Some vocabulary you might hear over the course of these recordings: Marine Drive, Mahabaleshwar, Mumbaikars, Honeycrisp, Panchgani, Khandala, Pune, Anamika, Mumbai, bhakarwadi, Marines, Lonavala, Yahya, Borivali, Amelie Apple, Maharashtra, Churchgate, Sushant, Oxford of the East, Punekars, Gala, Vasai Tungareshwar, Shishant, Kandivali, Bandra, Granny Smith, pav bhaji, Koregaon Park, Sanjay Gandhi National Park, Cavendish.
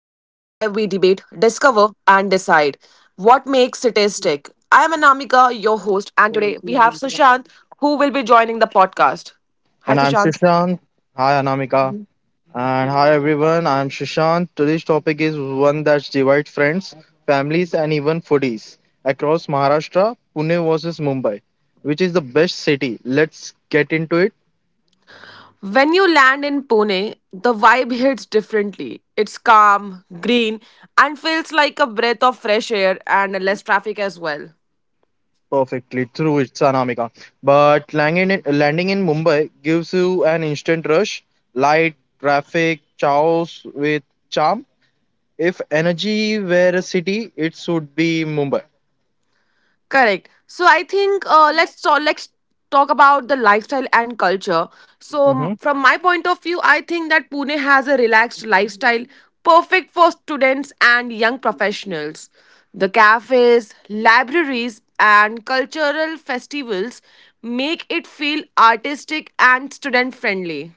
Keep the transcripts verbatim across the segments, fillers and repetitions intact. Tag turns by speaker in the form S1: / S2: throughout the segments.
S1: discover, and decide what makes cities tick. I am Anamika, your host, and today we have Sushant, who will be joining the podcast. Hi,
S2: And I'm
S1: Sushant.
S2: Shishant. Hi, Anamika. And hi, everyone. I'm Shishant. Today's topic is one that divides friends, families, and even foodies across Maharashtra Pune versus Mumbai. Which is the best city? Let's get into it
S1: When you land in Pune, the vibe hits differently. It's calm, green, and feels like a breath of fresh air and less traffic as well.
S2: perfectly through it, Anamika. But landing in, landing in Mumbai gives you an instant rush, light, traffic, chows with charm. If energy were a city, it should be Mumbai.
S1: Correct. So I think uh, let's talk, let's talk about the lifestyle and culture. So m- from my point of view, I think that Pune has a relaxed lifestyle perfect for students and young professionals. The cafes, libraries, and cultural festivals make it feel artistic and student friendly.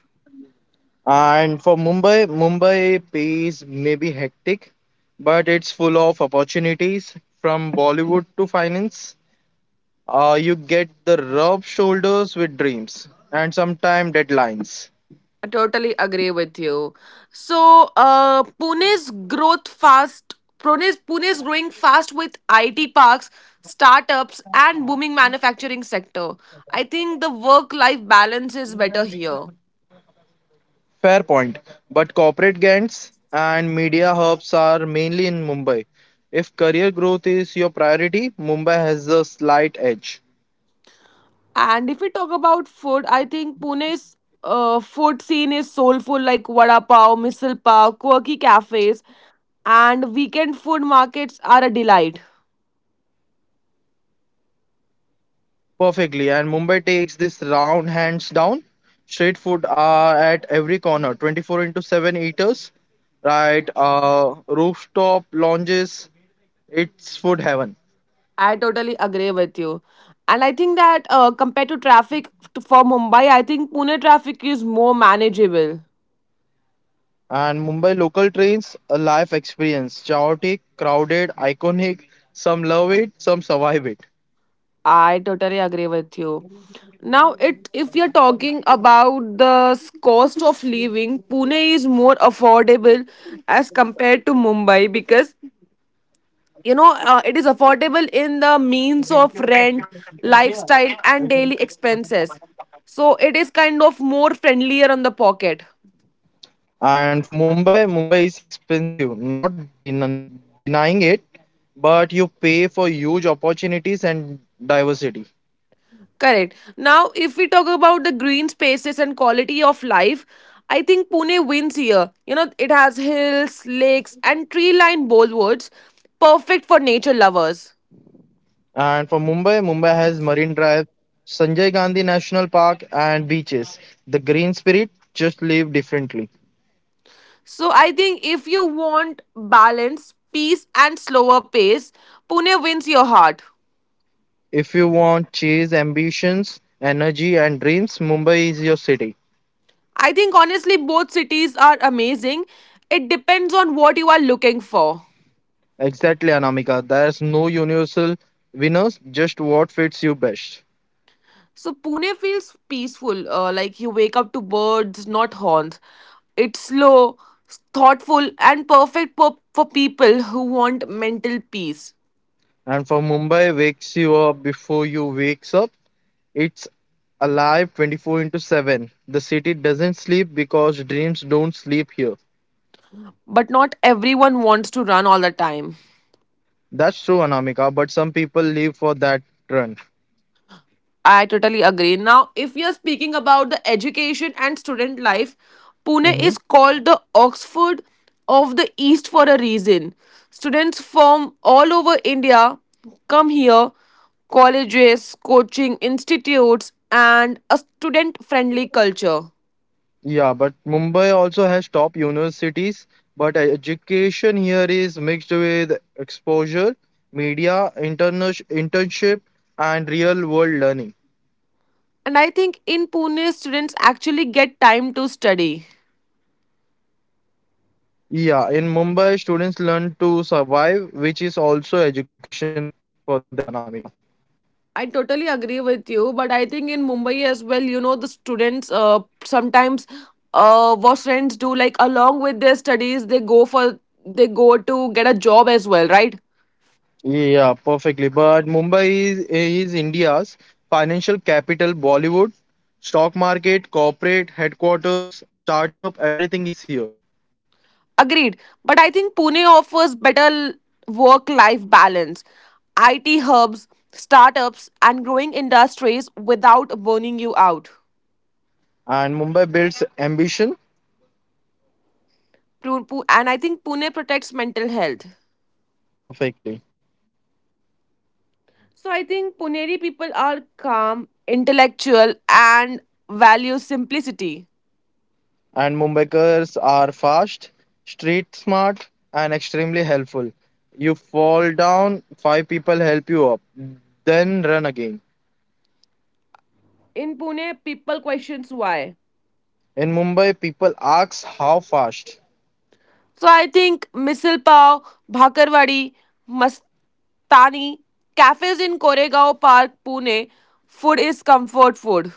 S2: And for Mumbai, Mumbai pays maybe hectic, but it's full of opportunities from Bollywood to finance. Uh, you get the rub shoulders with dreams and sometimes deadlines.
S1: I totally agree with you. So, uh, Pune's growth fast. Pune's Pune's growing fast with I T parks, startups, and booming manufacturing sector. I think the work-life balance is better here.
S2: Fair point. But corporate gants and media hubs are mainly in Mumbai. If career growth is your priority, Mumbai has a slight edge.
S1: And if we talk about food, I think Pune's uh, food scene is soulful, like vada pav, misal pav, quirky cafes, and weekend food markets are a delight.
S2: Perfectly, and Mumbai takes this round hands down. Street food are at every corner, twenty-four into seven eaters, right? Uh, rooftop lounges, it's food heaven.
S1: I totally agree with you. And I think that uh, compared to traffic to, for Mumbai, I think Pune traffic is more manageable.
S2: And Mumbai local trains, a life experience. Chaotic, crowded, iconic. Some love it, some survive it.
S1: I totally agree with you. Now, it if you're talking about the s- cost of living, Pune is more affordable as compared to Mumbai because you know uh, it is affordable in the means of rent, lifestyle, and daily expenses. So it is kind of more friendlier on the pocket.
S2: And for Mumbai, Mumbai is expensive, not den- denying it, but you pay for huge opportunities and diversity.
S1: Correct. Now, if we talk about the green spaces and quality of life, I think Pune wins here. You know, it has hills, lakes, and tree lined boulevards, perfect for nature lovers.
S2: And for Mumbai, Mumbai has Marine Drive, Sanjay Gandhi National Park, and beaches. The green spirit just live differently.
S1: So, I think if you want balance, peace, and slower pace, Pune wins your heart.
S2: If you want chase ambitions, energy, and dreams, Mumbai is your city.
S1: I think honestly, both cities are amazing. It depends on what you are looking for.
S2: Exactly, Anamika. There's no universal winners, just what fits you best.
S1: So Pune feels peaceful, uh, like you wake up to birds, not horns. It's slow, thoughtful, and perfect for, for people who want mental peace.
S2: And for Mumbai, wakes you up before you wakes up. It's alive twenty-four into seven. The city doesn't sleep because dreams don't sleep here.
S1: But not everyone wants to run all the time.
S2: That's true, Anamika, but some people live for that run.
S1: I totally agree. Now, if you're speaking about the education and student life, Pune
S2: Hmm.
S1: is called the Oxford of the East for a reason. Students from all over India come here, colleges, coaching institutes, and a student friendly culture.
S2: Yeah, but Mumbai also has top universities, but education here is mixed with exposure, media, interna- internship, and real world learning.
S1: And I think in Pune, students actually get time to study.
S2: Yeah, in Mumbai, students learn to survive, which is also education for them, Anamika.
S1: I totally agree with you, but I think in Mumbai as well, you know, the students uh, sometimes uh, what friends do, like along with their studies, they go for they go to get a job as well, right?
S2: Yeah, perfectly. But Mumbai is is India's financial capital. Bollywood, stock market, corporate headquarters, startup, everything is here.
S1: Agreed. But I think Pune offers better work life balance, I T hubs, startups, and growing industries without burning you out.
S2: And Mumbai builds ambition
S1: Pu- Pu- And I think Pune protects mental health.
S2: perfectly.
S1: So I think Puneri people are calm, intellectual, and value simplicity.
S2: And Mumbaikars are fast, street smart, and extremely helpful. You fall down, five people help you up, then run again.
S1: In Pune, people questions why.
S2: In Mumbai, people ask how fast.
S1: So I think misal pav, bhakarwadi, mastani, cafes in Koregaon Park, Pune, food is comfort food.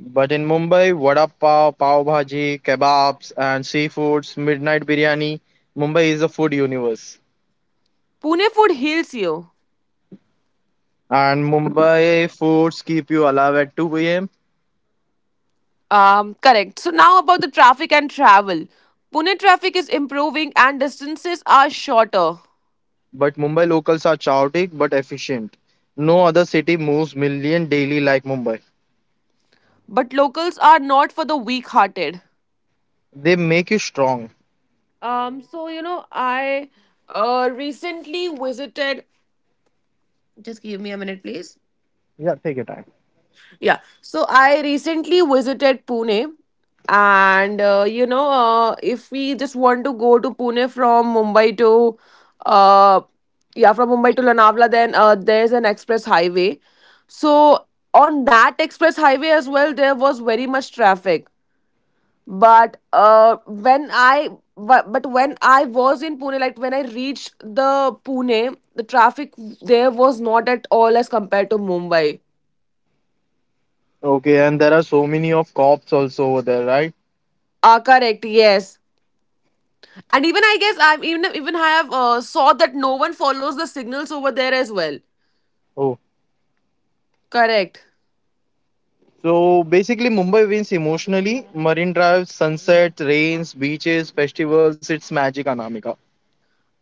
S2: But in Mumbai, vada pav, pav bhaji, kebabs, and seafoods, midnight biryani. Mumbai is a food universe.
S1: Pune food heals you.
S2: And Mumbai foods keep you alive at two a m.
S1: Um, correct. So now about the traffic and travel. Pune traffic is improving and distances are shorter,
S2: But Mumbai locals are chaotic but efficient. No other city moves million daily like Mumbai.
S1: but locals are not for the weak-hearted.
S2: They make you strong.
S1: Um, so you know, I uh recently visited. Just give me a minute, please.
S2: Yeah, take your time.
S1: Yeah. So I recently visited Pune, and uh, you know, uh, if we just want to go to Pune from Mumbai to, uh, yeah, from Mumbai to Lonavala, then uh, there's an express highway. So on that express highway as well, there was very much traffic. but uh when i but, but when I was in Pune, like when I reached the Pune, the traffic there was not at all as compared to Mumbai.
S2: Okay, and there are so many of cops also over there, right?
S1: Ah correct, yes. And even I guess I'm even even I have uh, saw that no one follows the signals over there as well.
S2: Oh.
S1: Correct.
S2: So basically, Mumbai wins emotionally. Marine drives, sunset, rains, beaches, festivals. It's magic, Anamika.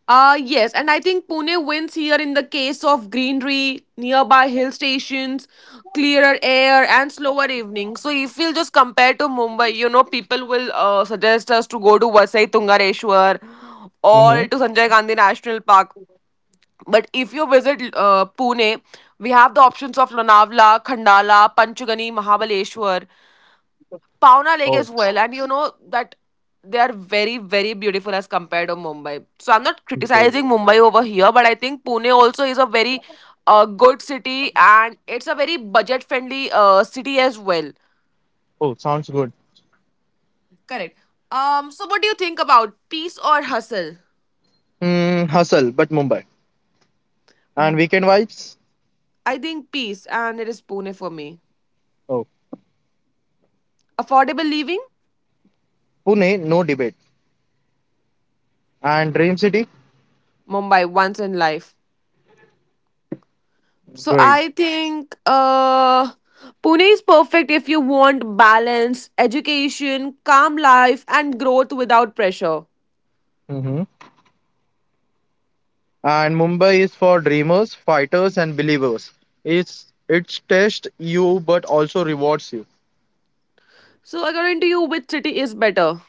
S1: Uh, yes, and I think Pune wins here in the case of greenery, nearby hill stations, clearer air, and slower evening. So, if we'll just compare to Mumbai, you know, people will uh, suggest us to go to Vasai Tungareshwar
S2: Mm-hmm.
S1: or to Sanjay Gandhi National Park. But if you visit uh, Pune, we have the options of Lonavala, Khandala, Panchgani, Mahabaleshwar. Pauna Lake
S2: Oh,
S1: as well. And you know that they are very, very beautiful as compared to Mumbai. So I'm not
S2: great.
S1: criticizing Mumbai over here, but I think Pune also is a very uh, good city and it's a very budget friendly uh, city as well.
S2: Oh, sounds good.
S1: Correct. Um, so what do you think about peace or hustle?
S2: Mm, hustle, but Mumbai. And weekend vibes?
S1: I think peace, and it is Pune for me.
S2: Oh,
S1: Affordable living?
S2: Pune, no debate. And Dream City?
S1: Mumbai once in life. So
S2: Great.
S1: I think uh, Pune is perfect if you want balance, education, calm life, and growth without pressure.
S2: Mm-hmm. And Mumbai is for dreamers, fighters, and believers. It's it's tests you but also rewards you.
S1: So according to you, which city is better?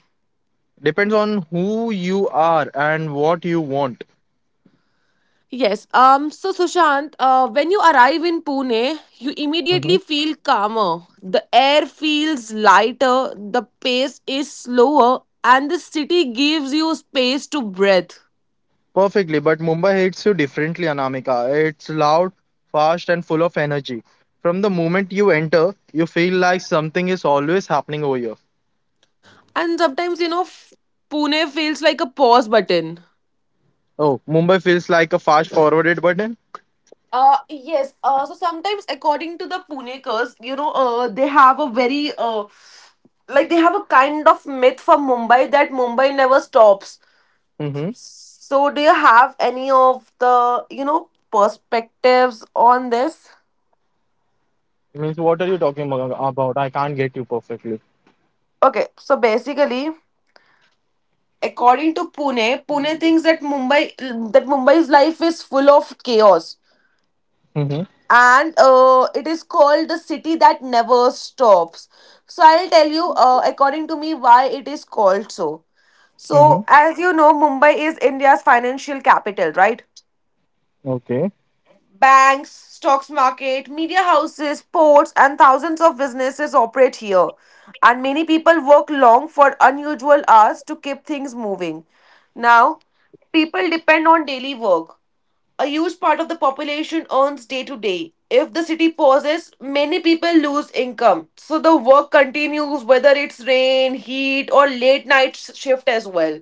S2: Depends on who you are and what you want.
S1: Yes. Um. So Sushant, uh, when you arrive in Pune, you immediately feel calmer. The air feels lighter. The pace is slower, and the city gives you space to breathe.
S2: Perfectly, but Mumbai hits you differently, Anamika. It's loud, fast, and full of energy. From the moment you enter, you feel like something is always happening over here.
S1: And sometimes you know, f- Pune feels like a pause button.
S2: Oh, Mumbai feels like a fast forwarded button.
S1: Uh, yes. Uh, so sometimes, according to the Punekars, you know, uh, they have a very uh, like they have a kind of myth for Mumbai that Mumbai never stops. So, do you have any of the you know perspectives on this?
S2: Means, what are you talking abo- about? I can't get you perfectly.
S1: Okay, so basically, according to Pune, Pune thinks that Mumbai that Mumbai's life is full of chaos.
S2: Mm-hmm.
S1: And uh, it is called the city that never stops. So I'll tell you uh, according to me why it is called so. So
S2: Mm-hmm.
S1: as you know, Mumbai is India's financial capital, right?
S2: Okay.
S1: Banks, stocks market, media houses, ports, and thousands of businesses operate here, and many people work long for unusual hours to keep things moving. Now, people depend on daily work. A huge part of the population earns day to day. If the city pauses, many people lose income. So the work continues whether it's rain, heat, or late night shift as well.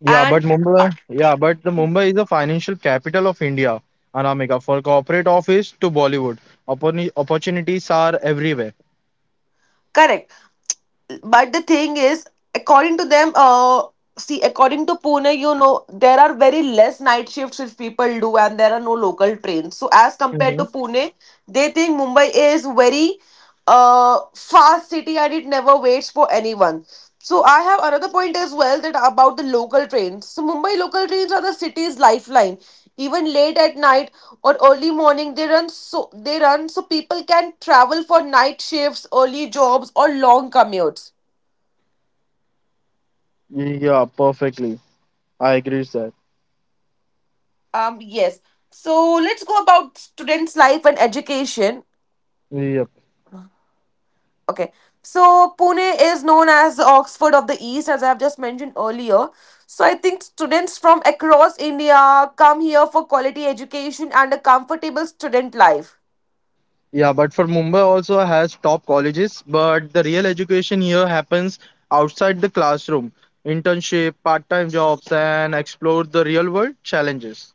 S2: Yeah,
S1: And
S2: but
S1: uh,
S2: Mumbai, yeah, but the Mumbai is the financial capital of India, Anamika. For corporate office to Bollywood, Opportuni- opportunities are everywhere.
S1: correct. But the thing is, according to them, uh see, according to Pune, you know, there are very less night shifts which people do and there are no local trains, so as compared to
S2: Mm-hmm.
S1: Pune, they think Mumbai is very uh fast city and it never waits for anyone. So I have another point as well, that about the local trains. So Mumbai local trains are the city's lifeline. Even late at night or early morning they run, so they run so people can travel for night shifts, early jobs, or long commutes.
S2: Yeah, perfectly. I agree with that.
S1: um yes. So let's go about students life and education.
S2: Yeah.
S1: Okay. So Pune is known as the Oxford of the East, as I have just mentioned earlier. So I think students from across India come here for quality education and a comfortable student life.
S2: Yeah, but for Mumbai also has top colleges, but the real education here happens outside the classroom. Internship, part-time jobs, and explore the real-world challenges.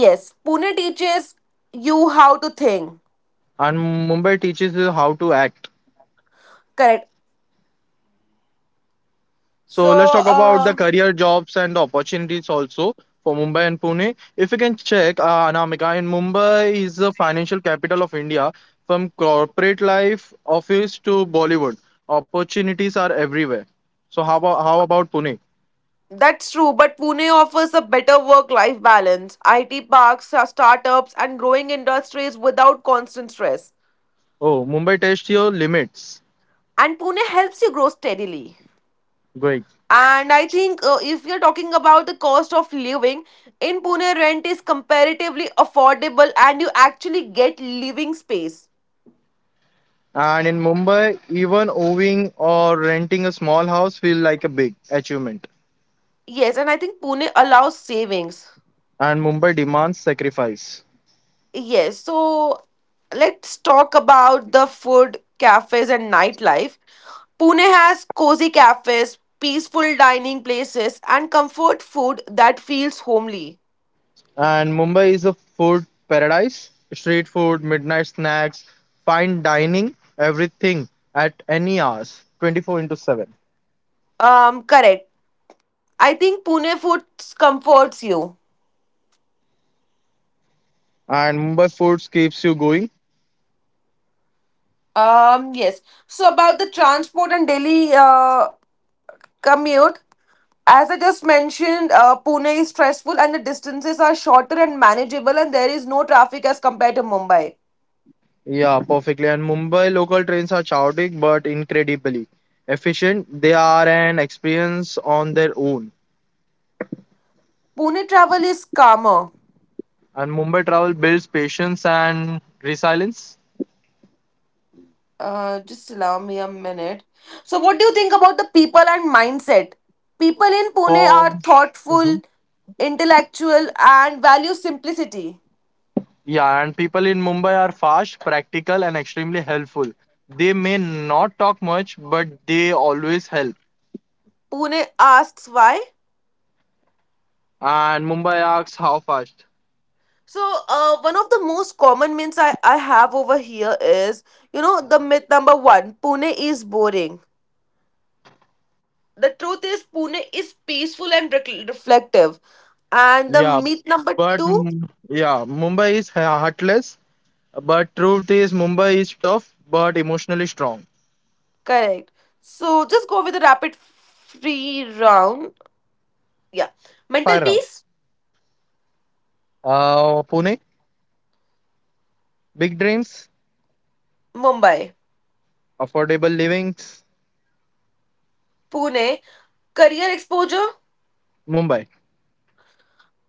S1: Yes, Pune teaches you how to think.
S2: And Mumbai teaches you how to act.
S1: Correct. So,
S2: So let's talk about the
S1: uh,
S2: career jobs and the opportunities also for Mumbai and Pune. If you can check, uh, Anamika, in Mumbai is the financial capital of India. From corporate life, office to Bollywood, opportunities are everywhere. So how about how about Pune?
S1: that's true, but Pune offers a better work life balance. I T parks, uh, startups, and growing industries without constant stress.
S2: Oh, Mumbai tests your limits.
S1: And Pune helps you grow steadily.
S2: Great.
S1: And I think uh, if you're talking about the cost of living, in Pune, rent is comparatively affordable and you actually get living space.
S2: And in Mumbai, even owning or renting a small house feels like a big achievement.
S1: Yes, and I think Pune allows savings.
S2: And Mumbai demands sacrifice.
S1: Yes, so let's talk about the food, cafes, and nightlife. Pune has cozy cafes, peaceful dining places, and comfort food that feels homely.
S2: And Mumbai is a food paradise. Street food, midnight snacks, fine dining, everything at any hours, twenty-four into seven.
S1: Um, correct. I think Pune food comforts you.
S2: And Mumbai foods keeps you going.
S1: Um, yes. So about the transport and daily uh, commute, as I just mentioned, uh, Pune is stressful and the distances are shorter and manageable, and there is no traffic as compared to Mumbai.
S2: Yeah, perfectly. And Mumbai local trains are chaotic but incredibly efficient. They are an experience on their own.
S1: Pune travel is calmer.
S2: And Mumbai travel builds patience and resilience.
S1: Uh, just allow me a minute. So, what do you think about the people and mindset? People in Pune are
S2: Oh,
S1: thoughtful, intellectual, and value simplicity.
S2: yeah, and people in Mumbai are fast, practical, and extremely helpful. They may not talk much, but they always help.
S1: Pune asks why.
S2: And Mumbai asks how fast.
S1: So, uh, one of the most common myths I, I have over here is, you know, the myth number one, Pune is boring. The truth is, Pune is peaceful and rec- reflective. And the
S2: Yeah,
S1: myth number
S2: but
S1: two,
S2: mm, yeah, Mumbai is he- heartless, but truth is Mumbai is tough but emotionally strong.
S1: correct. So, just go with the rapid free round. Yeah. Mental
S2: Fire round.
S1: peace,
S2: Uh, Pune, big dreams,
S1: Mumbai,
S2: affordable livings,
S1: Pune, career exposure.
S2: Mumbai.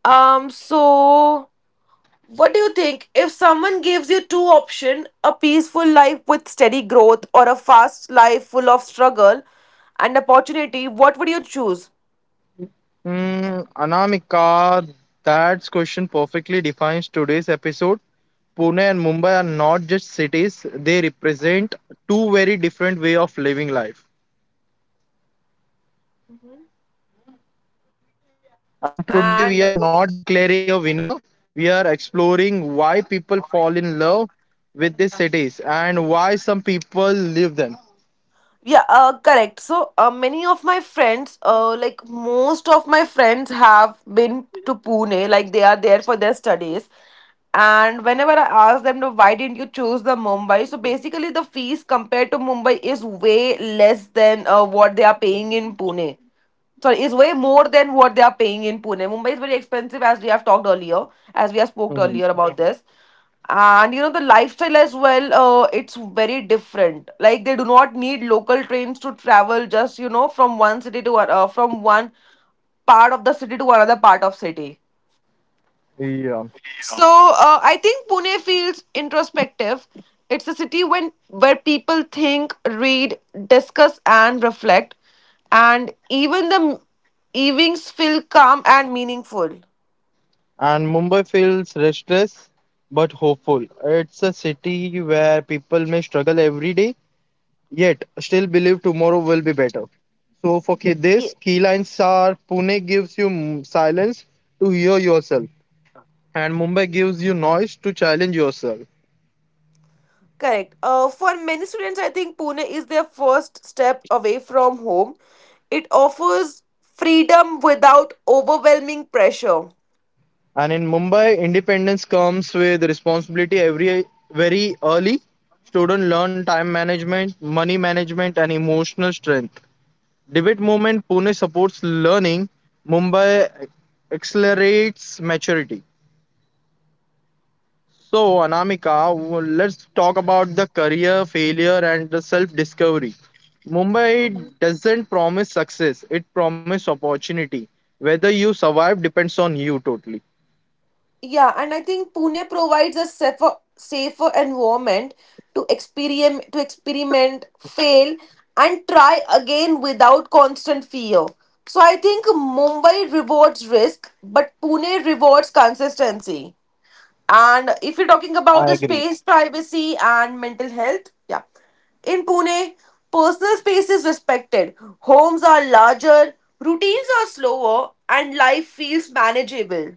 S1: Um, so what do you think if someone gives you two options, a peaceful life with steady growth or a fast life full of struggle and opportunity, what would you choose?
S2: Hmm, Anamika, that question perfectly defines today's episode. Pune and Mumbai are not just cities, they represent two very different way of living life. And today we
S1: And
S2: are not declaring a winner, we are exploring why people fall in love with these cities and why some people leave them.
S1: yeah, uh, correct. So, uh, many of my friends, uh, like most of my friends, have been to Pune. Like they are there for their studies. And whenever I ask them to why didn't you choose the Mumbai, so basically the fees compared to Mumbai is way less than uh, what they are paying in Pune, sorry, is way more than what they are paying in Pune. Mumbai is very expensive, as we have talked earlier, as we have spoke earlier
S2: Mhm.
S1: about Mhm. this. And you know, the lifestyle as well, uh, it's very different. Like they do not need local trains to travel just, you know, from one city to, an- uh, from one part of the city to another part of city.
S2: Yeah,
S1: So uh, I think Pune feels introspective. It's a city when where people think, read, discuss, and reflect, and even the m- evenings feel calm and meaningful.
S2: and Mumbai feels restless but hopeful. It's a city where people may struggle every day, yet still believe tomorrow will be better. So for ki-
S1: Yeah,
S2: this, key lines are Pune gives you m- silence to hear yourself, and Mumbai gives you noise to challenge yourself.
S1: correct. Uh, for many students, I think Pune is their first step away from home. It offers freedom without overwhelming pressure.
S2: And in Mumbai, independence comes with responsibility every very early. Students learn time management, money management, and emotional strength. Debate movement Pune supports learning. Mumbai accelerates maturity. So, Anamika, w- let's talk about the career failure and the self discovery. Mumbai doesn't promise success, it promises opportunity. Whether you survive depends on you totally.
S1: Yeah, and I think Pune provides a safer, safer environment to experiment, to experiment, fail, and try again without constant fear. So I think Mumbai rewards risk, but Pune rewards consistency. And if you're talking about the space, privacy, and mental health, yeah. In Pune, personal space is respected. Homes are larger, routines are slower, and life feels manageable.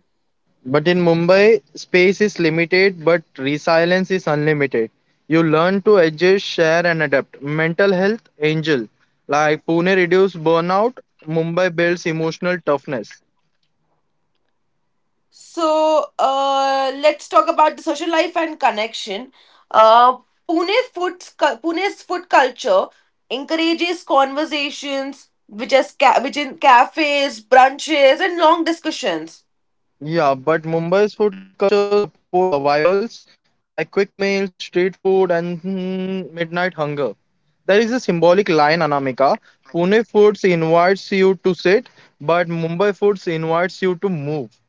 S2: But in Mumbai, space is limited, but resilience is unlimited. You learn to adjust, share, and adapt. Mental health, angel. Like Pune reduces burnout, Mumbai builds emotional toughness.
S1: So uh, let's talk about the social life and connection. Uh, Pune food, Pune's food culture encourages conversations, which is ca- which in cafes, brunches, and long discussions.
S2: Yeah, but Mumbai's food culture supports survivals like quick meals, street food, and mm, midnight hunger. There is a symbolic line, Anamika. Pune foods invites you to sit, but Mumbai foods invites you to move.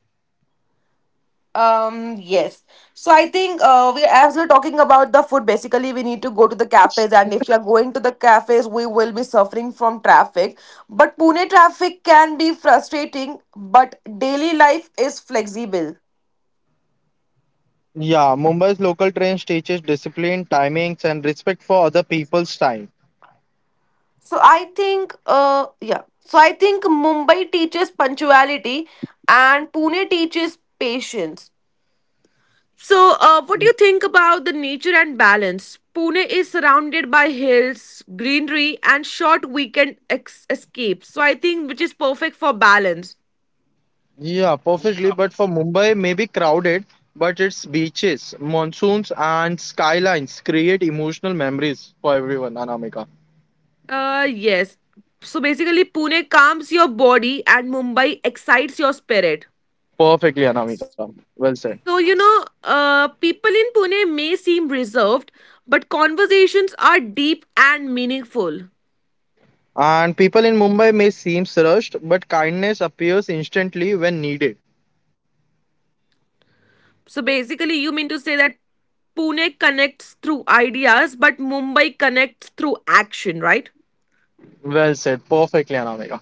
S1: Um, yes. So I think uh, we as we're talking about the food, basically we need to go to the cafes, and if you're going to the cafes, we will be suffering from traffic. But Pune traffic can be frustrating, but daily life is flexible.
S2: Yeah, Mumbai's local trains teaches discipline, timings, and respect for other people's time.
S1: So I think, uh, yeah. So I think Mumbai teaches punctuality, and Pune teaches patience. So, uh, what do you think about the nature and balance? Pune is surrounded by hills, greenery, and short weekend ex- escapes. So I think which is perfect for balance.
S2: Yeah, perfectly. But for Mumbai, maybe crowded, but its beaches, monsoons, and skylines create emotional memories for everyone, Anamika.
S1: Uh, yes. So basically, Pune calms your body, and Mumbai excites your spirit.
S2: Perfectly, Anamika. Well said.
S1: So, you know, uh, people in Pune may seem reserved, but conversations are deep and meaningful.
S2: And people in Mumbai may seem rushed, but kindness appears instantly when needed.
S1: So, basically, you mean to say that Pune connects through ideas, but Mumbai connects through action, right?
S2: Well said. Perfectly, Anamika.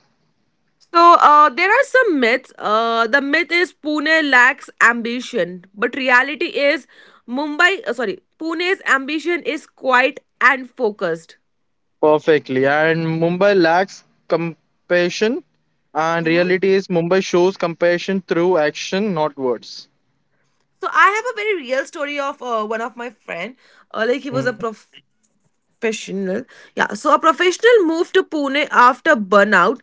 S1: So, uh, there are some myths. Uh, the myth is Pune lacks ambition, but reality is Mumbai, uh, sorry, Pune's ambition is quiet and focused.
S2: Perfectly. And Mumbai lacks compassion, and
S1: Mhm.
S2: reality is Mumbai shows compassion through action, not words.
S1: So I have a very real story of uh, one of my friend. Uh, like he was a
S2: Mhm.
S1: prof- professional. Yeah, so a professional moved to Pune after burnout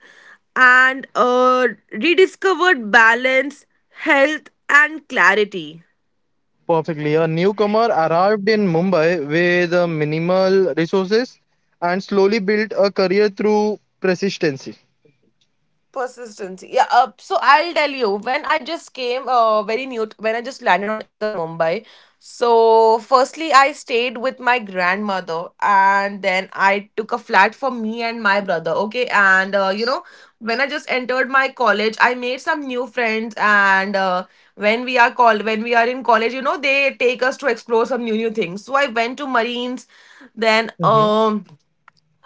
S1: and uh, rediscovered balance, health, and clarity.
S2: Perfectly. A newcomer arrived in Mumbai with uh, minimal resources and slowly built a career through persistency.
S1: Persistence. Yeah. Uh, so I'll tell you when I just came uh, very new t- when I just landed on into the Mumbai. So firstly, I stayed with my grandmother, and then I took a flat for me and my brother. Okay, and uh, you know when I just entered my college, I made some new friends, and uh, when we are called when we are in college, you know they take us to explore some new new things. So I went to Marines, then um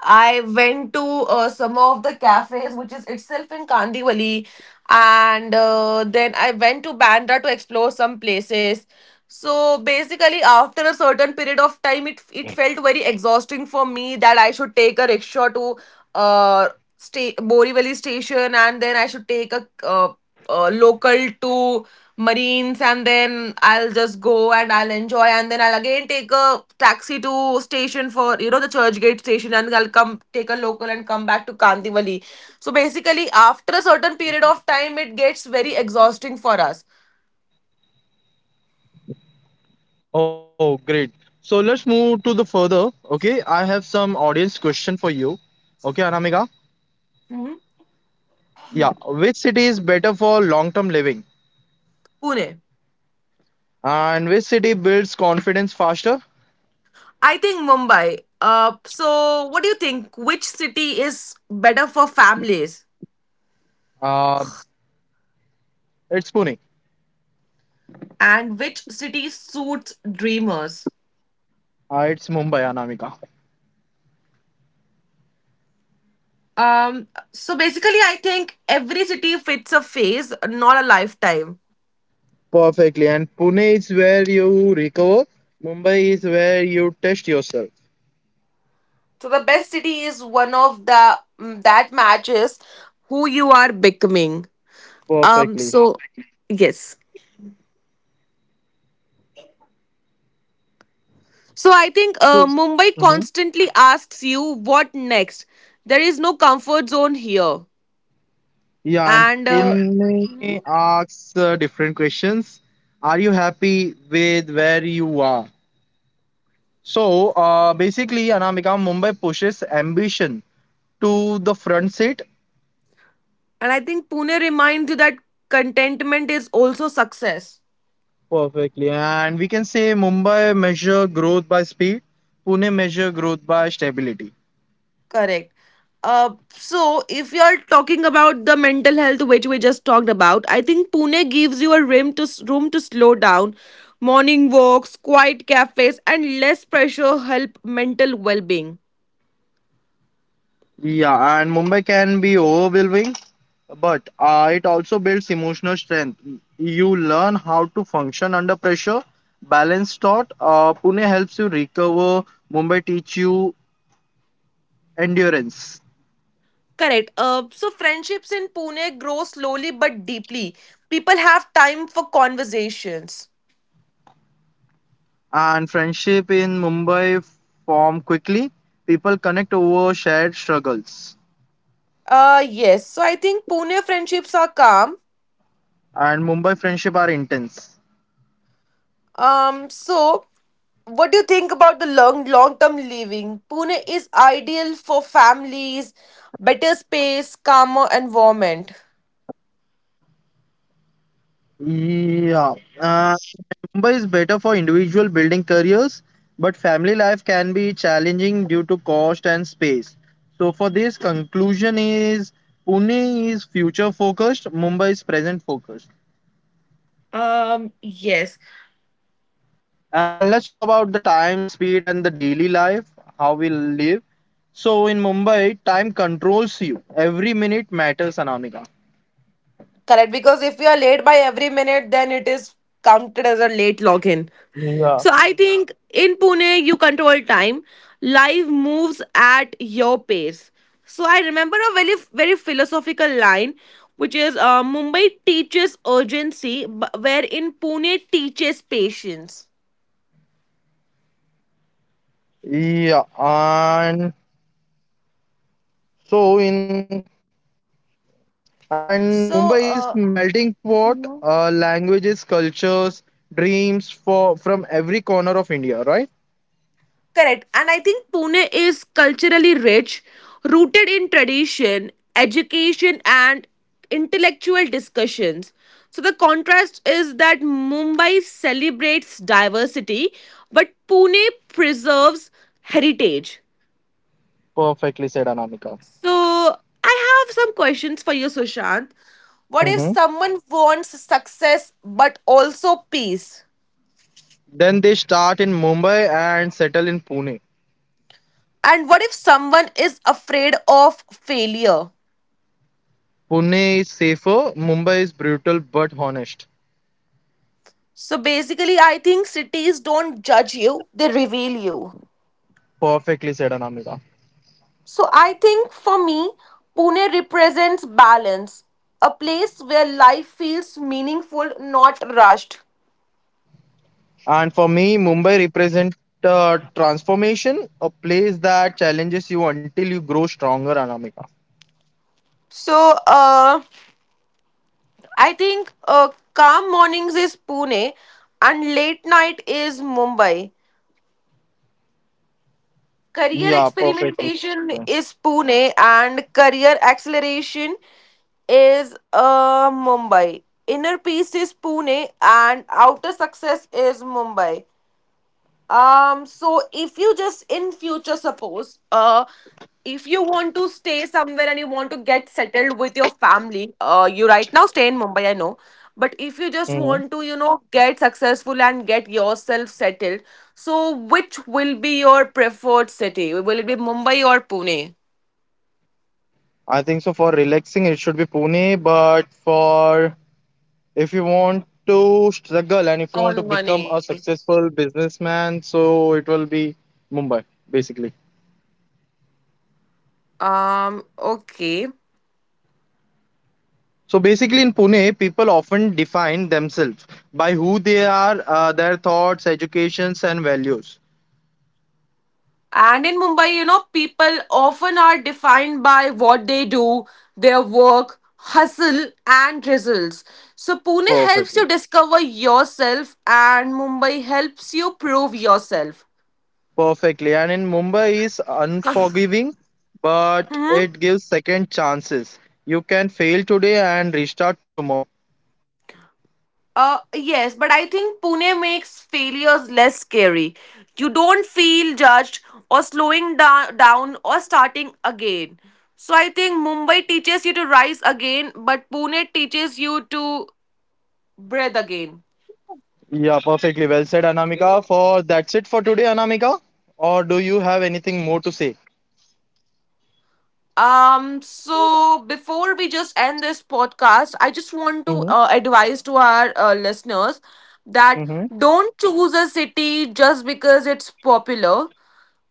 S1: I went to uh, some of the cafes, which is itself in Kandivali, and uh, then I went to Bandra to explore some places. So basically, after a certain period of time, it it felt very exhausting for me that I should take a rickshaw to uh sta- Borivali station, and then I should take a uh, uh, local to Marines and then I'll just go and I'll enjoy and then I'll again take a taxi to station for you know the Churchgate station and I'll come take a local and come back to Kandivali. So basically after a certain period of time it gets very exhausting for us.
S2: Oh, great. So let's move to the further. Okay, I have some audience question for you. Okay, Anamika.
S1: Mhm.
S2: Yeah, which city is better for long-term living,
S1: Pune.
S2: and which city builds confidence faster?
S1: I think Mumbai. Uh, so what do you think? Which city is better for families
S2: Uh, it's Pune.
S1: and which city suits dreamers?
S2: Uh, it's Mumbai, Anamika.
S1: Um, so basically, I think every city fits a phase, not a lifetime.
S2: Perfectly. And Pune is where you recover. Mumbai is where you test yourself.
S1: So the best city is one of the mm, that matches who you are becoming. Um,
S2: Perfectly.
S1: so yes. So I think uh, Mumbai
S2: Mhm.
S1: constantly asks you what next. There is no comfort zone here,
S2: Yeah, and
S1: and uh,
S2: Pune asks uh, different questions. Are you happy with where you are? So uh, basically, Anamika, Mumbai pushes ambition to the front seat
S1: and I think Pune reminds you that contentment is also success.
S2: perfectly. And we can say Mumbai measure growth by speed, Pune measure growth by stability.
S1: Correct. Uh, so if you're talking about the mental health which we just talked about, I think Pune gives you a room to room to slow down. Morning walks, quiet cafes, and less pressure help mental well-being.
S2: Yeah, and Mumbai can be overwhelming, but uh, it also builds emotional strength. You learn how to function under pressure, balance thought. Uh, Pune helps you recover, Mumbai teach you endurance.
S1: Correct. Uh, so friendships in Pune grow slowly but deeply. People have time for conversations.
S2: And friendship in Mumbai form quickly. People connect over shared struggles,
S1: Uh, yes. So I think Pune friendships are calm.
S2: and Mumbai friendship are intense.
S1: Um, so what do you think about the long long term living? Pune is ideal for families, better space, calmer environment.
S2: Yeah, uh, Mumbai is better for individual building careers, but family life can be challenging due to cost and space. So for this conclusion is Pune is future focused, Mumbai is present focused.
S1: Um, yes.
S2: And let's talk about the time, speed, and the daily life, how we live. So in Mumbai, time controls you. Every minute matters, Anamika.
S1: Correct, because if you are late by every minute, then it is counted as a late login.
S2: Yeah.
S1: So I think in Pune, you control time. Life moves at your pace. So I remember a very, very philosophical line, which is uh, Mumbai teaches urgency, but where in Pune teaches patience.
S2: Yeah, and so in and
S1: So,
S2: Mumbai is melting pot,
S1: uh,
S2: uh, languages, cultures, dreams for from every corner of India, right?
S1: correct. And I think Pune is culturally rich, rooted in tradition, education, and intellectual discussions. So the contrast is that Mumbai celebrates diversity, but Pune preserves heritage.
S2: Perfectly said, Anamika.
S1: So I have some questions for you, Sushant. What if
S2: Mm-hmm.
S1: someone wants success but also peace?
S2: Then they start in Mumbai and settle in Pune.
S1: And what if someone is afraid of failure?
S2: Pune is safer, Mumbai is brutal but honest.
S1: So basically, I think cities don't judge you, they reveal you.
S2: Perfectly said, Anamika.
S1: So I think for me, Pune represents balance, a place where life feels meaningful, not rushed.
S2: And for me, Mumbai represents uh, transformation, a place that challenges you until you grow stronger, Anamika.
S1: So uh, I think uh, calm mornings is Pune and late night is Mumbai. Career
S2: Yeah, perfectly so.
S1: experimentation is Pune and career acceleration is uh, Mumbai. Inner peace is Pune and outer success is Mumbai. Um so if you just in future suppose uh if you want to stay somewhere and you want to get settled with your family uh you right now stay in Mumbai, I know, but if you just
S2: hmm
S1: want to, you know, get successful and get yourself settled, so which will be your preferred city, will it be Mumbai or Pune
S2: I think so. For relaxing, it should be Pune, but for if you want to struggle and if you want to
S1: on
S2: become
S1: money?
S2: a successful businessman, so it will be Mumbai, basically.
S1: Um okay.
S2: So basically, in Pune, people often define themselves by who they are, uh, their thoughts, educations, and values.
S1: And in Mumbai, you know, people often are defined by what they do, their work, hustle, and results. So Pune helps you
S2: Perfectly.
S1: discover yourself, and Mumbai helps you prove yourself.
S2: Perfectly. And in Mumbai is unforgiving, but
S1: Hmm?
S2: it gives second chances. You can fail today and restart tomorrow.
S1: Uh, yes, but I think Pune makes failures less scary. You don't feel judged or slowing da- down or starting again. So I think Mumbai teaches you to rise again, but Pune teaches you to breathe again.
S2: Yeah, perfectly. Well said, Anamika. For that's it for today, Anamika. Or do you have anything more to say?
S1: Um, so before we just end this podcast, I just want to
S2: Mm-hmm.
S1: uh, advise to our uh, listeners that
S2: Mm-hmm.
S1: don't choose a city just because it's popular.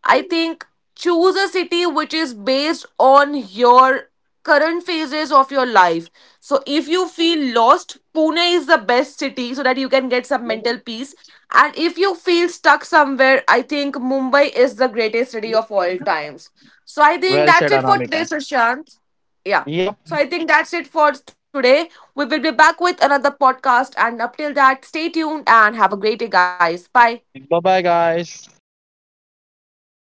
S1: I think choose a city which is based on your current phases of your life. So if you feel lost, Pune is the best city so that you can get some mental peace. And if you feel stuck somewhere, I think Mumbai is the greatest city of all times. So I think
S2: Well said,
S1: that's it for
S2: Anamika.
S1: today, Sushant. Yeah.
S2: Yep.
S1: So I think that's it for today. We will be back with another podcast. And up till that, stay tuned and have a great day, guys. Bye.
S2: Bye bye, guys.